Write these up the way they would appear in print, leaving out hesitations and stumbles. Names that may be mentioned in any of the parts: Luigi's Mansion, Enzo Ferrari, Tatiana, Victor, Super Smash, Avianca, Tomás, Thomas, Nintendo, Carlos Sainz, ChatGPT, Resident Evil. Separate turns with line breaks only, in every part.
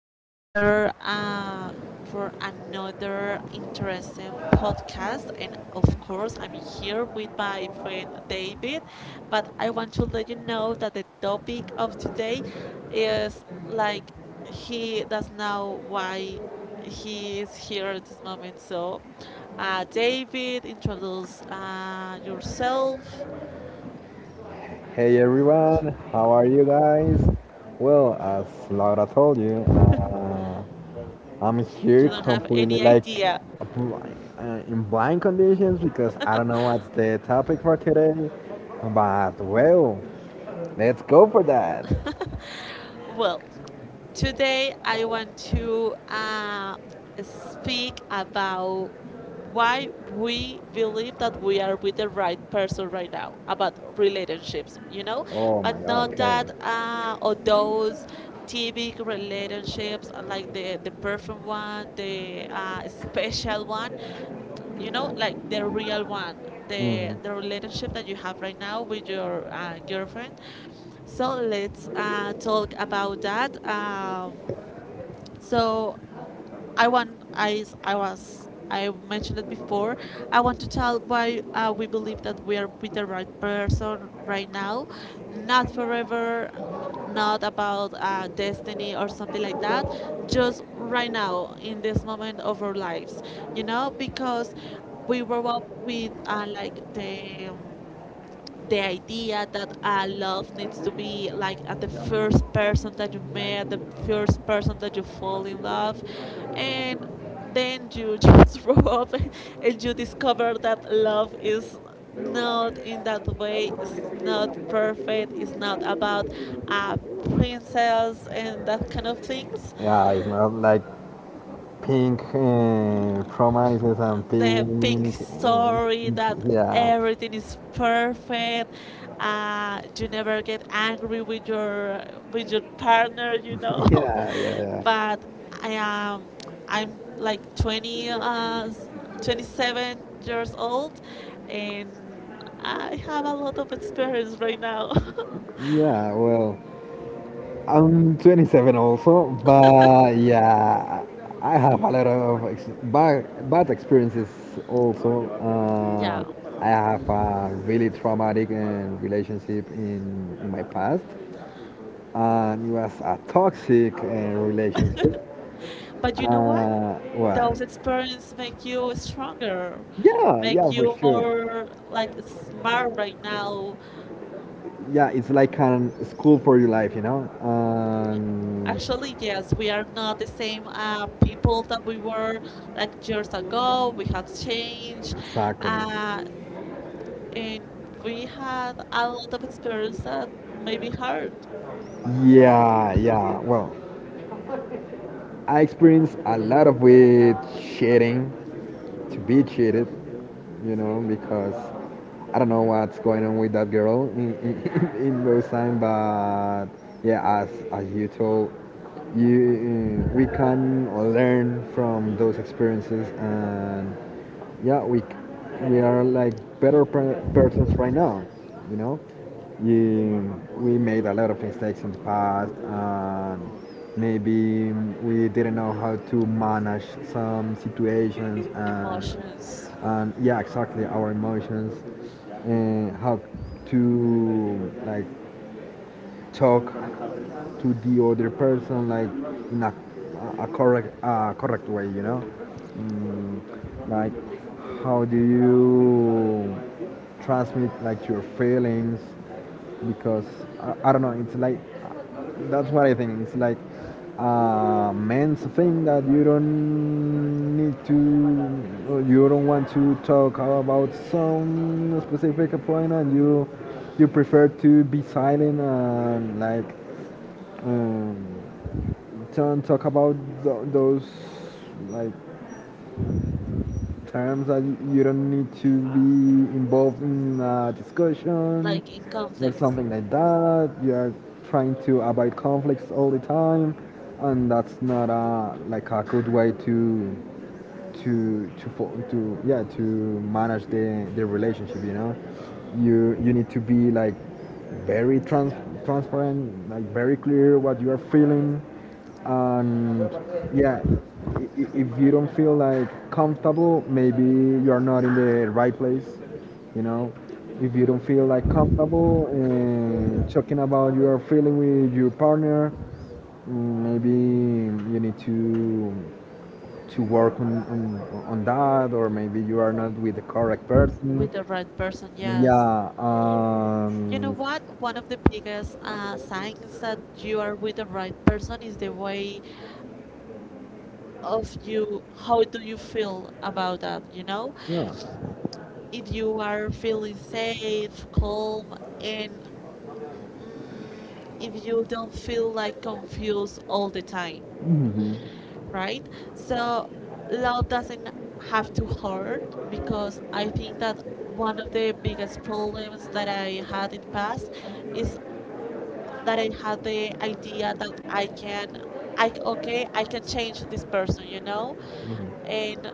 I'm here for another interesting podcast. And of course, I'm here with my friend David. But I want to let you know that the topic of today is like he does know why he is here at this moment. So, David, introduce yourself.
Hey everyone, how are you guys? Well, as Laura told you, I'm here
You don't have
completely
any
like
idea.
bl- in blind conditions because I don't know what's the topic for today. But well, let's go for that.
Well, today, I want to speak about why we believe that we are with the right person right now about relationships,
Oh.
but not that or those typical relationships like the perfect one, the special one, you know, like the real one, the relationship that you have right now with your girlfriend. So let's talk about that. So I was, I mentioned it before. I want to tell why we believe that we are with the right person right now, not forever, not about destiny or something like that. Just right now in this moment of our lives, because we grow up with like the the idea that love needs to be like at the first person that you met, the first person that you fall in love, and then you just grow up and you discover that love is not in that way, it's not perfect, it's not about a princess and that kind of things.
Yeah, it's not like pink promises and
The pink
uh,
story that everything is perfect. You never get angry with your partner.
yeah, yeah, yeah.
but I am I'm like 20, 27 years old, and I have a lot of experience right now.
Yeah, well, I'm 27 also, but yeah, I have a lot of ex bad experiences also.
yeah,
I have a really traumatic relationship in my past, and it was a toxic relationship.
but you know what?
What?
Those experiences make you stronger,
Yeah,
make
yeah, for
you more
sure.
like smart right now.
Yeah, it's like an school for your life, you know.
Actually, yes, we are not the same people that we were like years ago. We have changed,
Exactly.
uh, and we had a lot of experience that maybe hurt
Yeah, yeah. Well, I experienced a lot of weird shitting to be cheated, you know, because I don't know what's going on with that girl in those time, but yeah, as you told, you we can learn from those experiences, and yeah, we are like better persons right now, you know. We made a lot of mistakes in the past, and maybe we didn't know how to manage some situations and
emotions,
and yeah, exactly, our emotions and how to like talk to the other person like in a correct correct way, you know. mm, like how do you transmit like your feelings, because I don't know, it's like that's what I think, it's like a man's thing that you don't need to, or you don't want to talk about some specific point, and you prefer to be silent and like um, don't talk about those like terms that you don't need to be involved in a discussion
like in
or
conflict
something like that. You are trying to avoid conflicts all the time, and that's not a like a good way to to to yeah, to manage the relationship, you know. You need to be like very transparent, like very clear what you are feeling, and yeah, if you don't feel like comfortable, maybe you are not in the right place, you know. If you don't feel like comfortable in talking about your feeling with your partner, mm, maybe you need to work on that, or maybe you are not with the correct person.
with the right person. Yes.
Yeah,
You know what? One of the biggest signs that you are with the right person is the way of you, how do you feel about that, you know,
yeah.
if you are feeling safe, calm, and if you don't feel like confused all the time,
Mhm.
right? So love doesn't have to hurt, because I think that one of the biggest problems that I had in the past is that I had the idea that I can, I can change this person,
Mhm.
and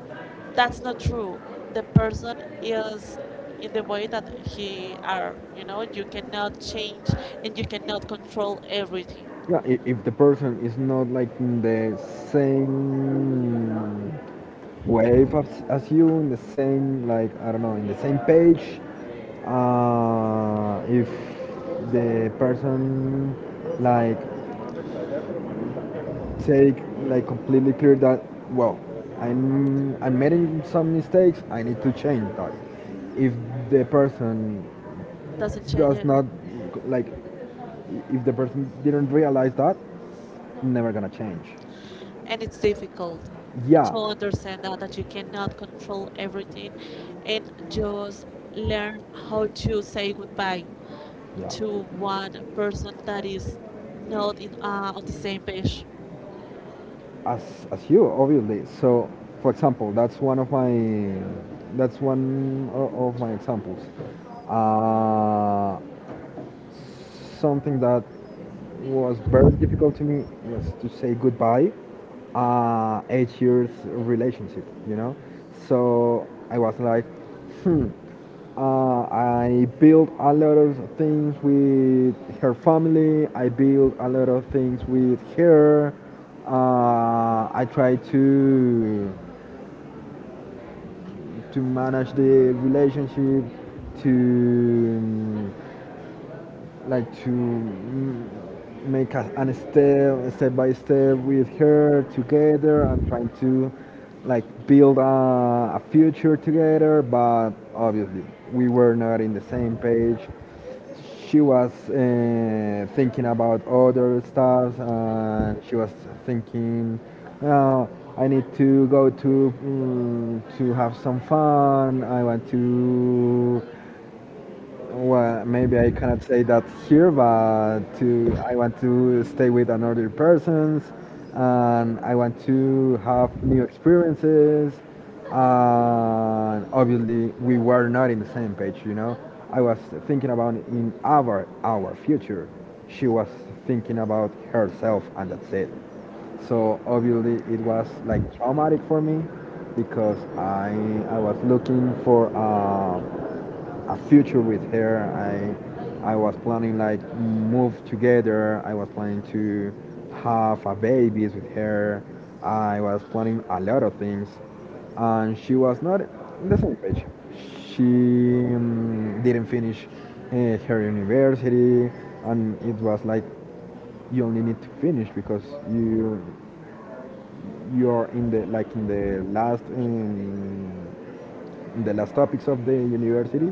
that's not true. The person is in the way that he are, you know. You cannot change, and you cannot control everything.
Yeah, if the person is not like in the same wave as you, in the same, like, I don't know, in the same page, if the person like take like completely clear that, well, I'm making some mistakes, I need to change that. If the person
Doesn't change it.
like, if the person didn't realize that, never gonna change.
And it's difficult
Yeah,
to understand that, that you cannot control everything, and just learn how to say goodbye
yeah,
to one person that is not in on the same page.
as you obviously. So for example, that's one of my, that's one of my examples. Uh, something that was very difficult to me was to say goodbye, uh, 8 years relationship, you know. So I was like, hmm, I built a lot of things with her family, I built a lot of things with her. uh, I tried to manage the relationship, to like to, mm, make an step, step by step with her together and trying to like build a future together. But obviously we were not in the same page. She was, thinking about other stuff, and she was thinking, well, I need to go to, mm, to have some fun. I want to, well, maybe I cannot say that here, but to, I want to stay with another persons, and I want to have new experiences. And obviously, we were not in the same page. You know, I was thinking about in our future. She was thinking about herself, and that's it. So obviously, it was like traumatic for me, because I was looking for. A future with her. I was planning like move together. I was planning to have a babies with her. I was planning a lot of things, and she was not in the same page. She, didn't finish, her university, and it was like, you only need to finish, because you you're in the like in the last, in the last topics of the university.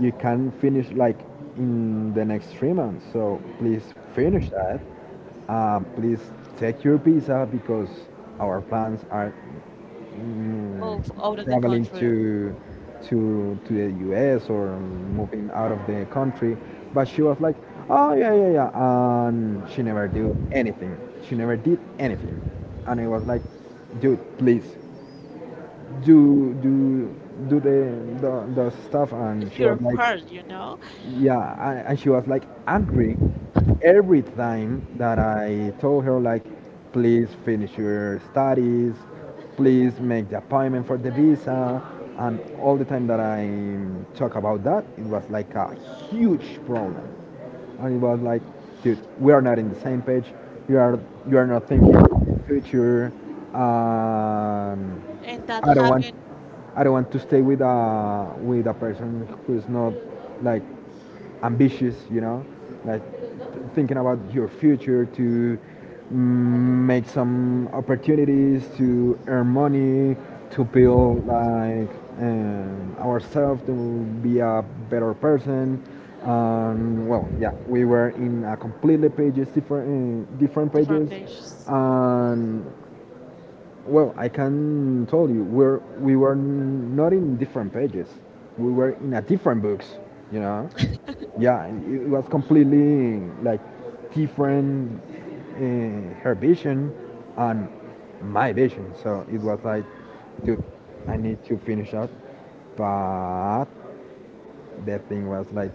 You can finish like in the next 3 months. So please finish that. Please take your visa, because our plans are, mm,
Move out of the
traveling
country,
to the U.S. or moving out of the country. But she was like, "Oh yeah, yeah, yeah," and she never do anything. She never did anything, and I was like, "Dude, please, do do do the the stuff." And she
your
was like,
part, you know,
yeah. And she was like angry every time that I told her like, please finish your studies, please make the appointment for the visa. And all the time that I talk about that, it was like a huge problem, and it was like, dude, we are not in the same page. You are, you are not thinking future. Um,
and that
I don't want,
happened.
I don't want to stay with a person who's not like ambitious, you know, like thinking about your future, to mm, make some opportunities to earn money, to build like, ourselves, to be a better person. Well, yeah, we were in a completely pages different, different
Different
pages,
pages.
and well, I can tell you, we're, we were not in different pages. We were in a different books, you know? Yeah, it was completely like different, her vision and my vision. So it was like, dude, I need to finish up. But that thing was like,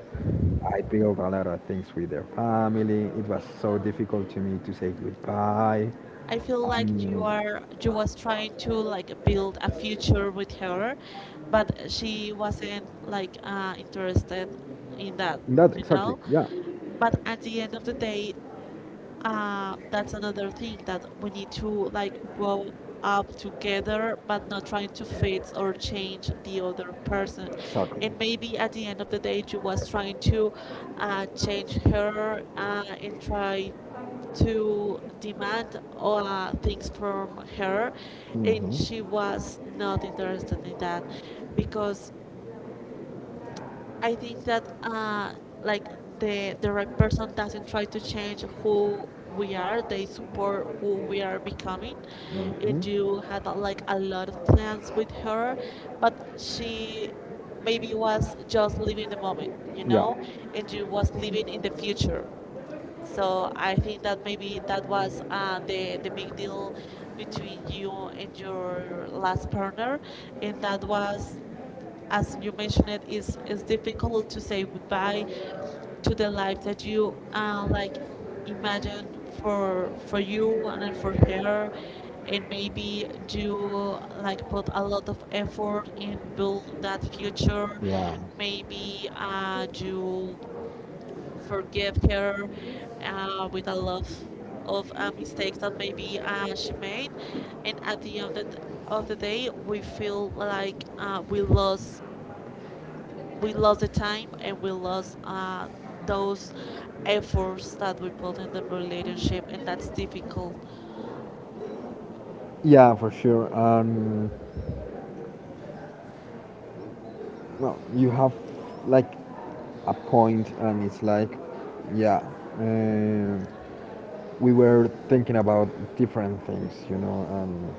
I built a lot of things with their family. It was so difficult to me to say goodbye.
I feel like you
Um,
are you was trying to like build a future with her, but she wasn't like interested in that,
not
you
exactly.
know.
Yeah,
But at the end of the day, that's another thing that we need to like grow up together, but not trying to fix or change the other person.
exactly.
And maybe at the end of the day, you was trying to change her and try to demand things from her, and she was not interested in that because I think that like the right person doesn't try to change who we are. They support who we are becoming. And you had like a lot of plans with her, but she maybe was just living the moment, and you was living in the future. So I think that maybe that was the big deal between you and your last partner, and that was, as you mentioned, it is difficult to say goodbye to the life that you like imagine for you and then for her. And maybe you like put a lot of effort in build that future. Maybe you forgive her with a lot of mistakes that maybe she made. And at the end of of the day, we feel like we lost the time, and we lost those efforts that we put in the relationship, and that's difficult.
Yeah, for sure. Well, you have like a point, and it's like, yeah, um, we were thinking about different things, you know, and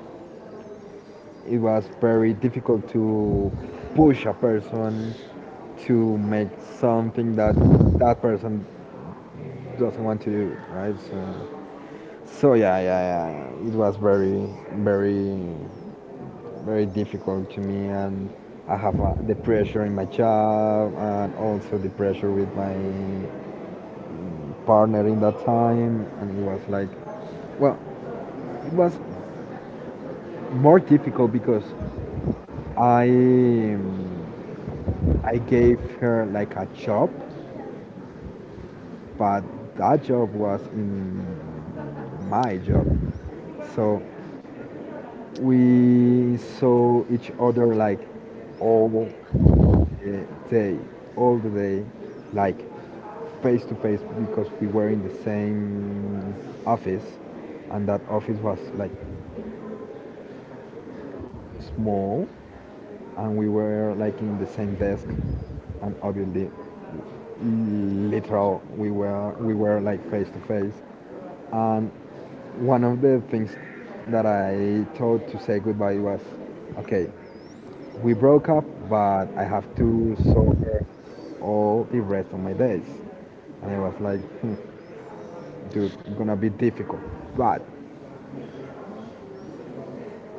it was very difficult to push a person to make something that that person doesn't want to do, right? So, so yeah, yeah, yeah. It was very, very, very difficult to me, and I have, the pressure in my job and also the pressure with my partner in that time, and it was like, well, it was more difficult, because I, I gave her like a job, but that job was in my job. So we saw each other like all, day, all the day, like face to face, because we were in the same office, and that office was like small, and we were like in the same desk, and obviously, literal, we were like face to face. And one of the things that I thought to say goodbye was, okay, we broke up, but I have to suffer all the rest of my days. And I was like, hmm, dude, gonna be difficult. But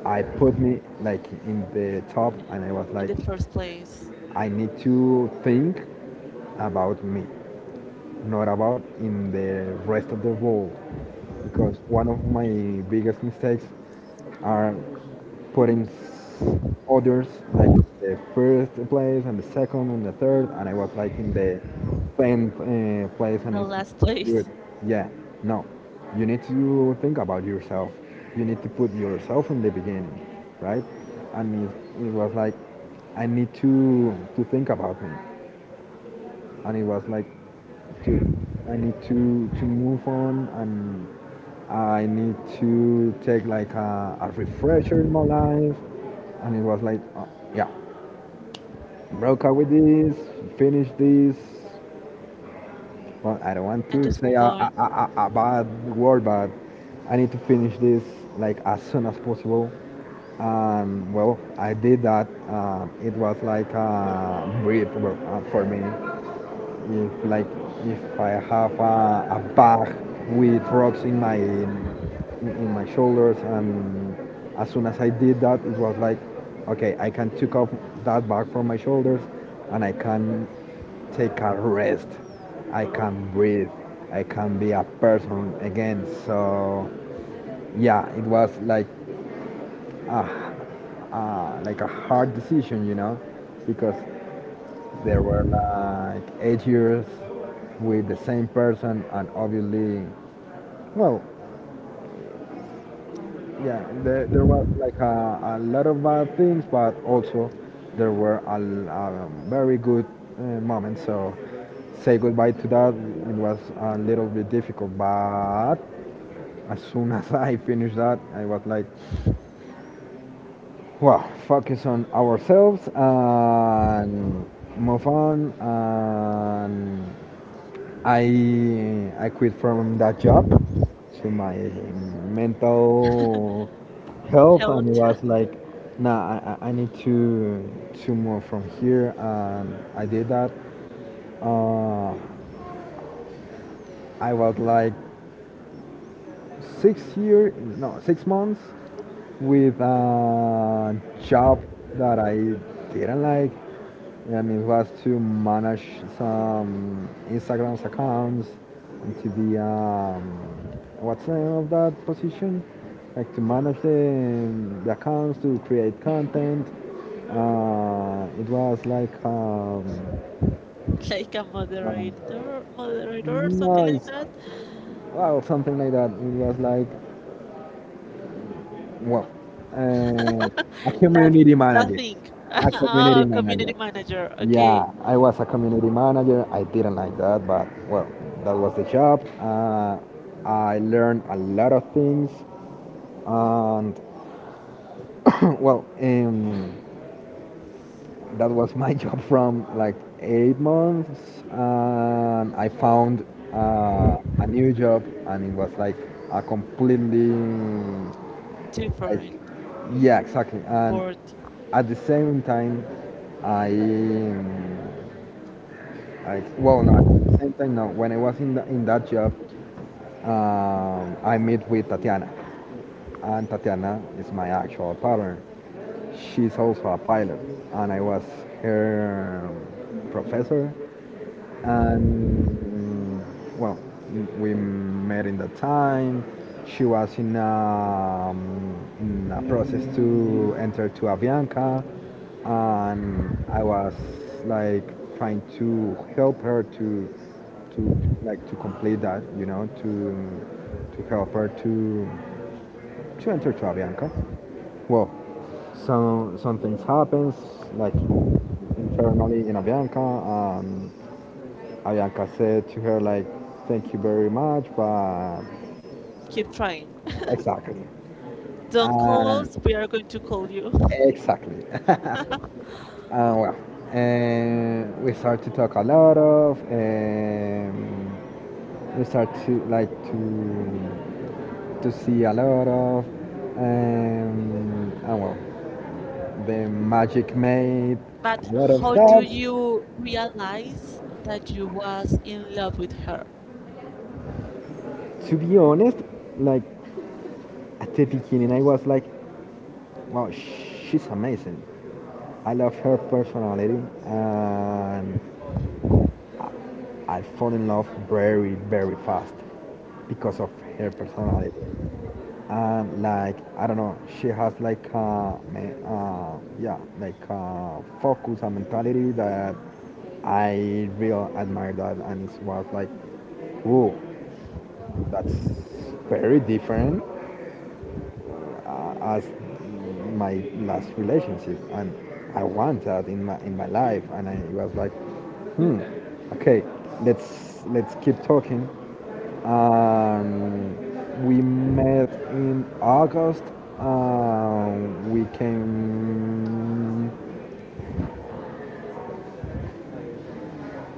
I put me like in the top, and I was
In
like,
the first place,
I need to think about me, not about in the rest of the world. Because one of my biggest mistakes are putting others like the first place and the second and the third, and I was like in the tenth, place, and
the last
it's good.
place,
Yeah, no, you need to think about yourself. You need to put yourself in the beginning, right? And it was like, I need to think about me. And it was like, dude, I need to move on, and I need to take like a refresher in my life. And it was like, yeah, broke up with this, finish this. Well, I don't want
and
to
just
say
move on.
a bad word, but I need to finish this like as soon as possible. Well, I did that. It was like a breath for me, if like, if I have a bag with rocks in in my shoulders. And as soon as I did that, it was like, okay, I can take off that bag from my shoulders, and I can take a rest, I can breathe, I can be a person again. So yeah, it was like a, like a hard decision, you know, because there were like 8 years with the same person, and obviously, well, yeah, there was like a lot of bad things, but also there were a very good, moments. So say goodbye to that, it was a little bit difficult, but as soon as I finished that, I was like, well, focus on ourselves and move on, and I quit from that job. So my mental health,
Help,
and it was like, nah, I need to move from here, and I did that. Uh, I was like 6 year, no, 6 months with a job that I didn't like. And it was to manage some Instagram's accounts and to be, what's the name of that position? Like to manage the accounts to create content. It was like
like a
um,
moderator or
no,
something like
it's
that.
well something like that. It was like Well, uh, a
That
community manager.
thing.
A community
Oh, community
manager.
manager. Okay.
Yeah, I was a community manager. I didn't like that, but well, that was the job. I learned a lot of things, and well, um, that was my job from like 8 months, and I found a new job, and it was like a completely I,
Different.
yeah, exactly. And
Bored.
at the same time, I, mm, I well, no, at the same time, no. When I was in that job, I met with Tatiana, and Tatiana is my actual partner. She's also a pilot, and I was her professor and mm, well we met in that time she was in in a process to enter to Avianca, and I was like trying to help her to like to complete that you know to help her to enter to Avianca. Well, some things happens like internally in Avianca. Ayanka said to her like, "Thank you very much," but
Keep trying.
exactly,
Don't call
and
us, we are going to call you.
exactly. And well, and we start to talk a lot of, we start to like to see a lot of, and well, the magic made
But
a lot of
how do
stuff.
you realize that you was in love with her?
To be honest, like at the beginning, I was like, "Wow, she's amazing." I love her personality, and I fall in love very, very fast because of her personality. And like, I don't know, she has like yeah, like a focus and mentality that I real admire that, and it was like, whoa, that's very different as my last relationship, and I want that in my life. And I was like, hmm, okay, let's keep talking. Um, we met in August. We came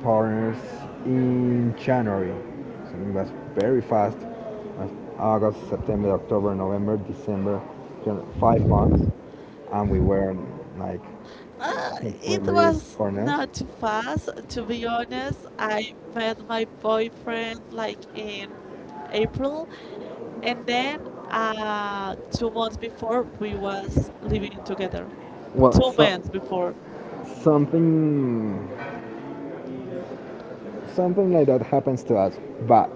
partners in January. So it was very fast. August, September, October, November, December, 5 months, and we were like
It
completely
was
partners.
not too fast, to be honest. I met my boyfriend like in April, and then 2 months before we was living together. Two
Well,
months
so
before.
something something like that happens to us, but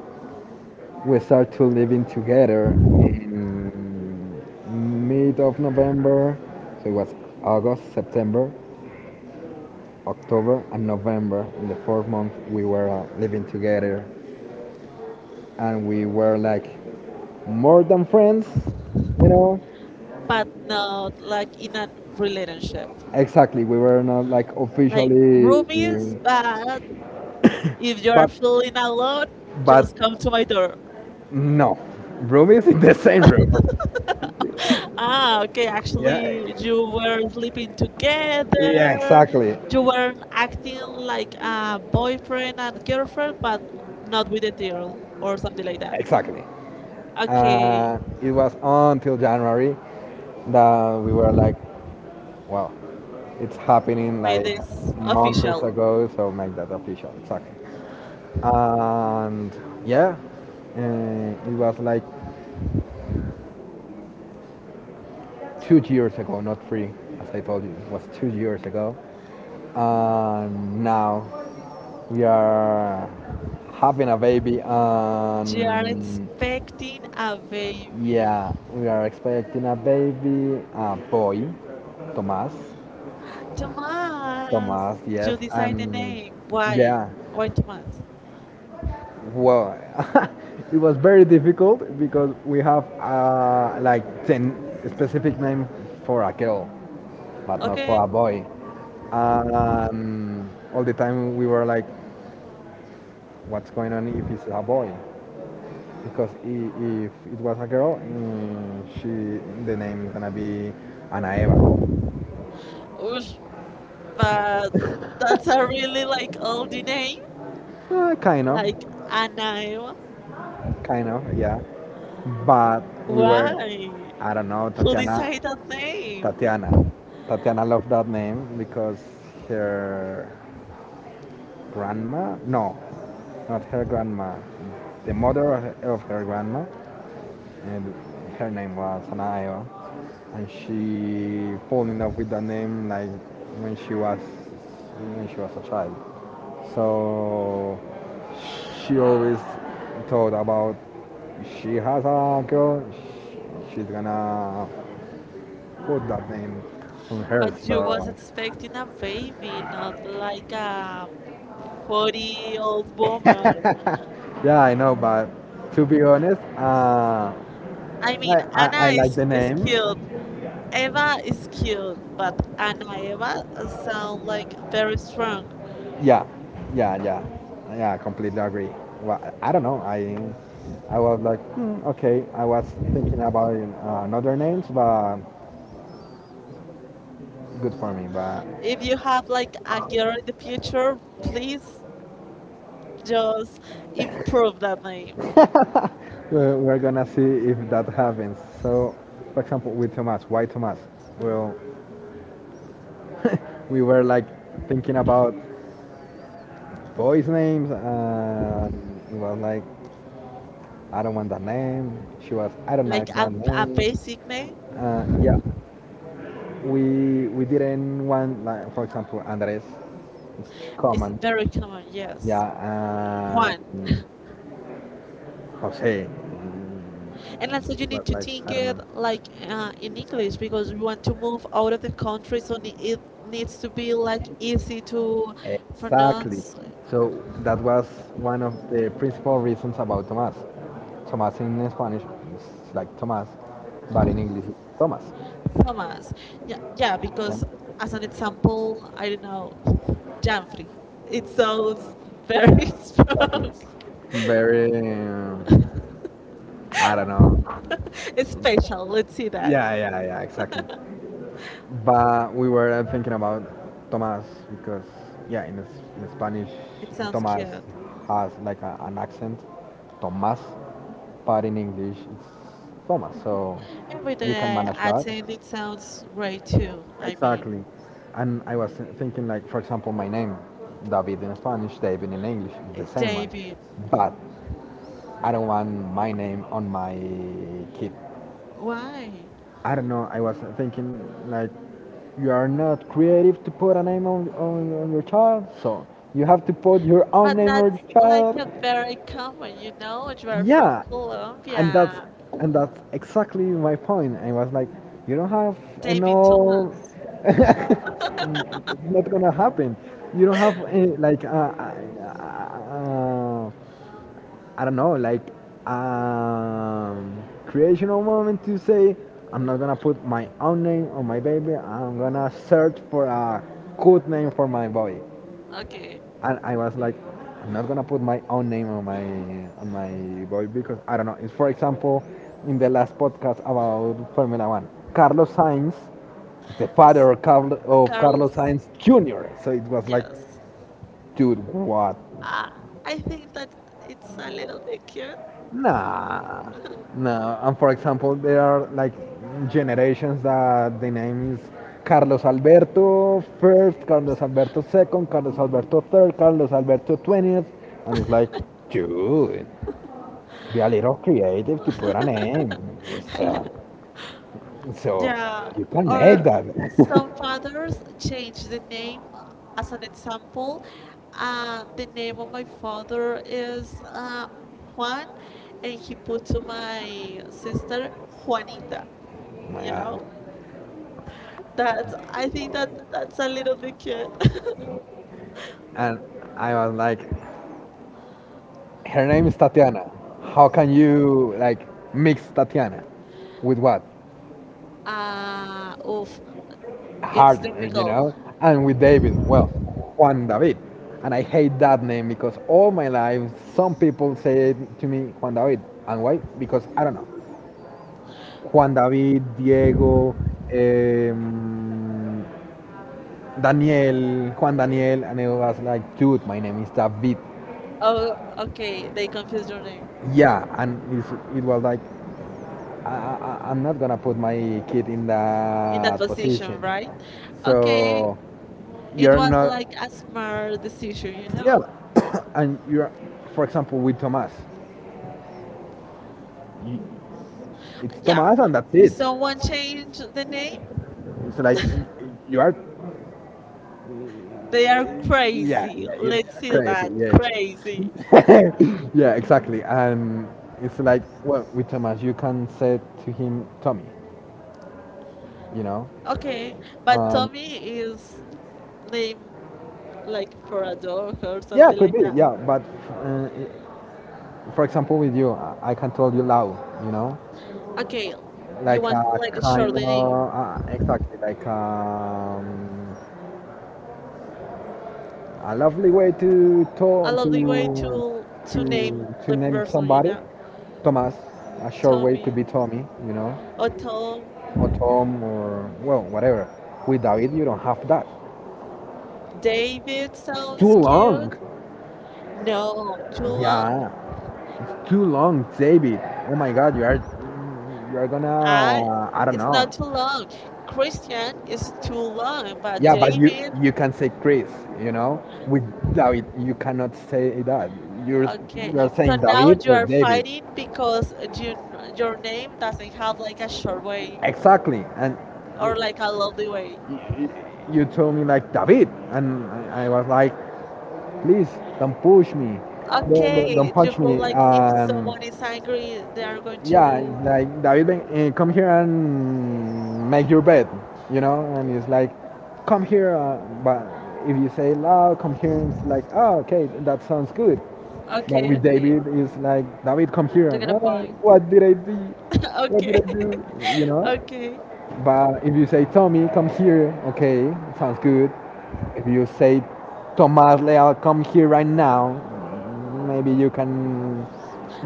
we start to living together in mid of November. So it was August, September, October, and November. In the fourth month, we were living together, and we were like more than friends, you know.
But not like in a relationship.
Exactly, we were not like
Like
officially.
roomies, but if you're
but
feeling alone,
but
just come to my door.
no, room is in the same room.
Ah, okay.
Yeah,
Actually,
eh,
you were sleeping together.
yeah, exactly.
You weren't acting like a boyfriend and girlfriend, but not with a girl or something like that.
Exactly.
Okay,
It was until January that we were like, well, it's happening
made
like
this
months
official.
ago, so make that official. Exactly. And yeah, it was like 2 years ago, not three, as I told you. It was 2 years ago. And now we are having a baby. We are,
They are
and
expecting a baby.
yeah, we are expecting a baby, a boy, Tomas.
Tomas,
Tomas, yes.
you decide the
And
name. Why?
yeah,
Why Tomas?
well, it was very difficult because we have like 10 specific name for a girl but not, okay,
Okay.
for a boy. um, all the time we were like, what's going on if it's a boy? Because if it was a girl, mm, she, the name is gonna be Ana Eva.
Oosh, but that's a really like old name,
Uh, kind of,
like Anaema.
kind of, yeah. But we were,
Why?
I don't know,
Who
Tatiana.
decided that name?
Tatiana. Tatiana loved that name because her grandma, no, not her grandma, the mother of her grandma, and her name was Anaya, and she fell in love with that name like when she was when she was a child. So she always thought about she has a girl, she's gonna put that name on her.
But you was
So
expecting a baby, not like a 40-year-old woman.
yeah, I know, but to be honest,
I
I,
mean,
I
Anna
like
is,
the
is
name.
cute. Eva is cute, but Anna Eva sound like very strong.
Yeah, yeah, yeah, yeah. I completely agree. Well, I don't know. I was like, hmm, okay. I was thinking about another names, but good for me. But
If you have like a girl in the future, please just improve that name.
we're gonna see if that happens. So, for example, with Thomas, why Thomas? Well, we were like thinking about boys' names, and it was like, I don't want that name. She was, I don't
Like
like that
a
name.
basic name
Yeah, we didn't want like, for example, Andres, it's too
is
common.
very common, yes.
Yeah, and
Juan.
Jose.
And also you
Was
need to
like
think
I don't
it
know.
like in English, because you want to move out of the country, so it needs to be like easy to
Exactly.
pronounce.
So that was one of the principal reasons about Tomás. Tomás in Spanish is like Tomás, but in English it's Thomas.
Commas. Yeah, yeah.
Yeah.
Because as an example, I don't know, Janfrey. It sounds very strong.
Exactly. Very I don't know.
It's special. Let's see that.
Yeah, yeah, yeah, exactly. But we were thinking about Tomás because, yeah, in Spanish,
It sounds
Tomás
cute.
has like an accent, Tomás, but in English, it's Thomas. So
Every
you can
day
manage
I think it
that.
sounds great too. I mean,
Exactly. And I was thinking, like, for example, my name, David in Spanish, David in English, it's the same one.
David,
But I don't want my name on my kid.
why?
I don't know. I was thinking like you are not creative to put a name on your child, so you have to put your own
But
name on your
that's like
child.
a very
Like,
common, you are from
yeah, and
Colombia.
that's, and that's exactly my point. I was like, you don't have
David
enough.
Thomas.
It's not gonna happen. You don't have any, like uh, uh, I don't know, like creational moment to say I'm not gonna put my own name on my baby. I'm gonna search for a good name for my boy.
Okay.
And I was like, I'm not gonna put my own name on my boy because I don't know. It's for example in the last podcast about Formula One, Carlos Sainz, the
S-
father of, Carl, of
Carlos,
Carlos Sainz Jr. So it was like,
yes.
dude, what.
Uh, I think that it's a little bit cute.
Nah, nah. And for example, there are like generations that the name is Carlos Alberto first, Carlos Alberto second, Carlos Alberto third, Carlos Alberto 20th, and it's like, dude, be a little creative to put a name. It's,
I lo-
so
yeah,
you can make
or
that.
some fathers change the name. As an example, the name of my father is Juan, and he put to my sister Juanita.
Oh my
You
god.
know, that's I think that that's a little bit cute.
And I was like, her name is Tatiana. How can you like mix Tatiana with what?
Oof, it's
Harder, you
difficult.
know? And with David, well, Juan David. And I hate that name because all my life some people say to me Juan David. And why? Because I don't know. Juan David, Diego, um, Daniel, Juan Daniel, and it was like, dude, my name is David.
Oh, okay. They confused your name
Yeah, and it was like, I'm not gonna put my kid in
in that
that,
position,
position.
right? Okay,
So it,
it
you're
was
not.
like a smart decision, you
Yeah,
know?
and you're, for example, with Thomas, you, it's, yeah,
Yeah,
Thomas, and that's
if
it.
someone
Change
changed the name,
it's like you are.
they are
Yeah,
crazy.
yeah,
Let's see
crazy.
that
Yeah.
crazy.
Crazy. yeah, exactly. And it's like, well, with Thomas, you can say to him, Tommy, you know?
Okay, but
Um,
Tommy is named like for a dog or
Yeah,
something
could
like
be.
that.
Yeah, but uh, for example, with you, I can tell you loud. You know,
Okay, you
like Like,
want to
a like
like short
kind
the name.
of exactly like a lovely way to
I
talk
love the way
to
to name
to to
the
name
person, you
somebody.
know?
Thomas. A short way could
Tommy
be Tommy. You know,
or Tom.
or Tom, or well, whatever. With David, you don't have that.
David
It's too
sounds
long.
cute. No, Julia,
Yeah, it's too long, David. Oh my God, you are, you are
I,
gonna, I don't
it's
know.
not too long. Christian is too long, but
Yeah, but
David,
you can say Chris, you know. With David, you cannot say that. You're
okay.
you're
So
saying
now
David
you
or
are
David.
fighting
Five
because you, your name doesn't have like a short way
exactly, and
or
of
like a lovely way.
you, you told me like David, and I was like, please don't push me, don't, okay,
Okay,
don't
you
punch
feel
me. So,
like if
and
someone is angry, they are going
yeah,
to.
like David, eh, come here and make your bed, you know. And it's like, come here, but if you say loud, come here, it's like, oh, okay, that sounds good. But okay,
Okay,
with
okay,
David, it's like, David, come here.
you got a
"Ah,
point.
what did I do? What
okay,
did I do? You know."
okay.
Okay. But if you say Tommy, come here, okay, sounds good. If you say, Tomas Leal, come here right now, maybe you can,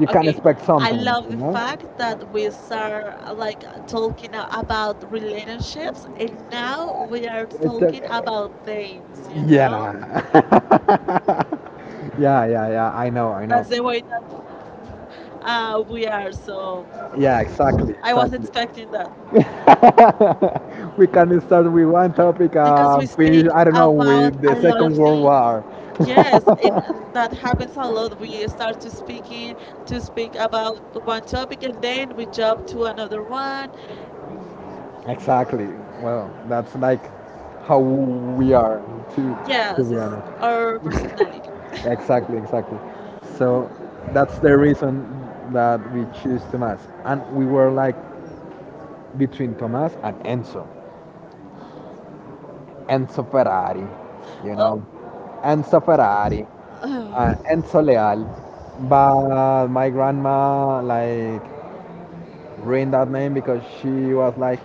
you can
Okay,
expect
I
something,
love
you
the
know?
fact that we start like talking about relationships, and now we are
It's
talking about
a,
names.
yeah, yeah, yeah, yeah. I know, I know.
That's the way that we are. So
Yeah, exactly,
I was
exactly.
expecting that
We can start with one topic
because we
and finish,
speak
I don't know,
about
with the
a lot of
Second World
things.
War.
Yes, and that happens a lot. We start to speak about one topic, and then we jump to another one.
Exactly. Well, that's like how we are, to to
Yes,
be
it's
honest.
our personality.
Exactly, exactly. So that's the reason that we choose Tomas. And we were like between Tomas and Enzo. Enzo Ferrari, you know. Enzo Ferrari,
Oh,
Enzo Leal. But my grandma like ruined that name because she was like,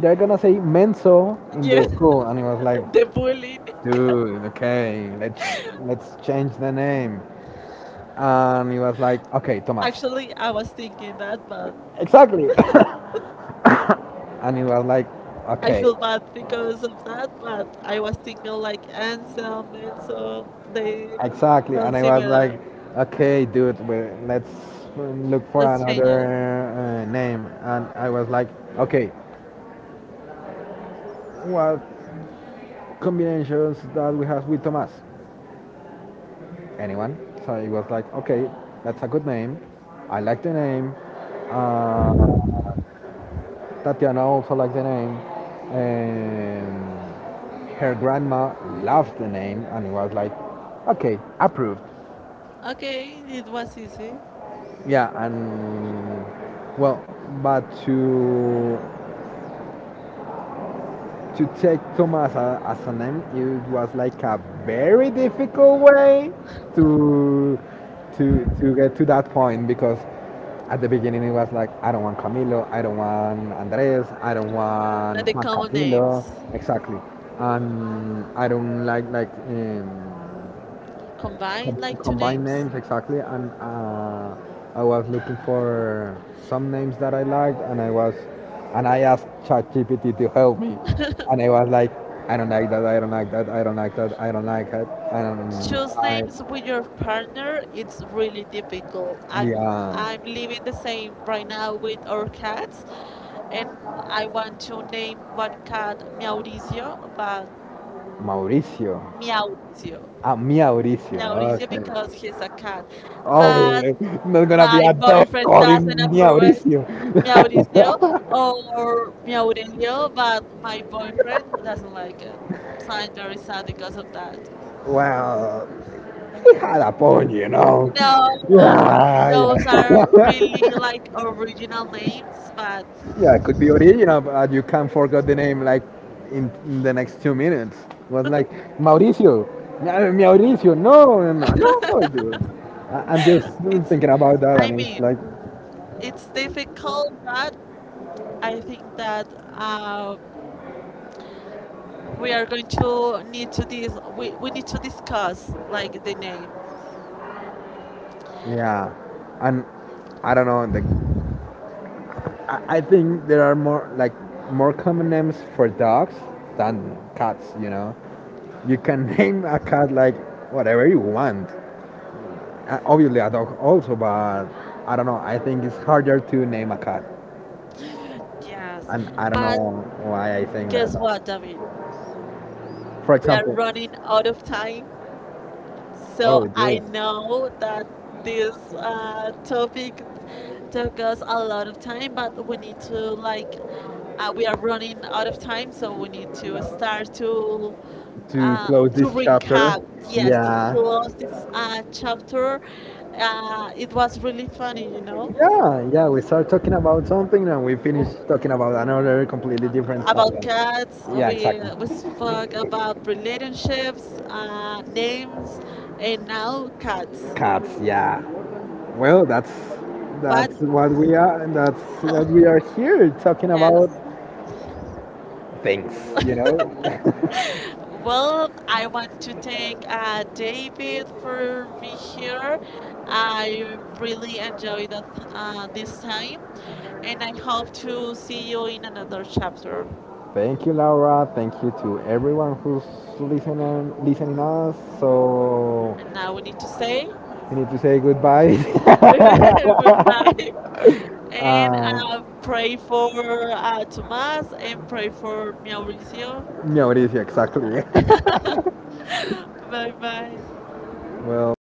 they're gonna say Menzo in
yeah,
the school. And it was like,
the bullying.
dude, okay, let's change the name. And he was like, okay, Thomas.
Actually, I was thinking that, but
Exactly. And he was like,
I
okay,
feel bad because of that. But I was thinking like Anselm, they
exactly. And
sound
I was
similar.
like, okay, dude, let's look for
Let's change
another
it.
name. And I was like, okay, what combinations that we have with Thomas? Anyone. So it was like, okay, that's a good name. I like the name. Uh, Tatiana also liked the name. And her grandma loved the name, and it was like, okay, approved.
Okay, it was easy.
Yeah, and well, but to take Thomas as a name, it was like a very difficult way to to get to that point because at the beginning it was like, I don't want Camilo, I don't want Andres, I don't
Like
want
the
Juan
common
Camilo,
names.
exactly, and I don't like
Combine like two
combine
names.
names exactly. And I was looking for some names that I liked, and I was, and I asked ChatGPT to help me. And I was like, I don't like that, I don't like that, I don't like that, I don't like it, I don't,
Choose names with your partner, it's really difficult. i'm
yeah,
i'm living the same right now with our cats, and I want to name one cat Meow. But
Mauricio.
Meow
Ah, Mia Mauricio.
Mauricio,
Okay.
because he's a cat,
Oh,
but
sorry, man. There's gonna yeah be
my
a of dog
boyfriend
calling
doesn't
Mia
approve it.
Mauricio.
Mauricio or Maurelio, but my boyfriend doesn't like it. So I'm very sad because of that.
Wow. He had a point, you know.
No,
Yeah,
those are really like original names, but
yeah, it could be original, but you can't forget the name like in the next 2 minutes. It was like Mauricio, Mauricio, no, no, no, no, dude. I'm just
it's,
thinking about that,
I
and it's
mean,
mean, like,
it's difficult, but I think that we are going to need to dis we need to discuss like the names.
yeah, and I don't know. Like, I think there are more like more common names for dogs than cats, you know. You can name a cat like whatever you want. Obviously, a dog also, but I don't know. I think it's harder to name a cat,
Yes.
and I don't
But
know why I think that.
guess what, David?
For
We are
example,
running out of time.
oh,
So
we
I
do,
know that this topic took us a lot of time, but we need to like we are running out of time, so we need to start to
to
uh,
close
to
this chapter.
recap. Yes, to
Yeah,
close
this,
this chapter. It was really funny,
yeah, yeah, we start talking about something and we
uh,
finish talking about another completely different
about
subject.
cats.
Yeah,
We
exactly.
we spoke about relationships, names, and now cats.
Cats, yeah. Well, that's
But
that's that's what we are, and that's what we are here talking about
yes.
things, you know.
Well, I want to thank David for being here. I really enjoyed that, this time, and I hope to see you in another chapter.
Thank you, Laura. Thank you to everyone who's listening us. So
And now we need to say
we need to say goodbye.
goodbye and
um,
pray for Tomas and pray for Mauricio.
Mauricio. Mauricio, exactly.
Bye bye.
Well, bye.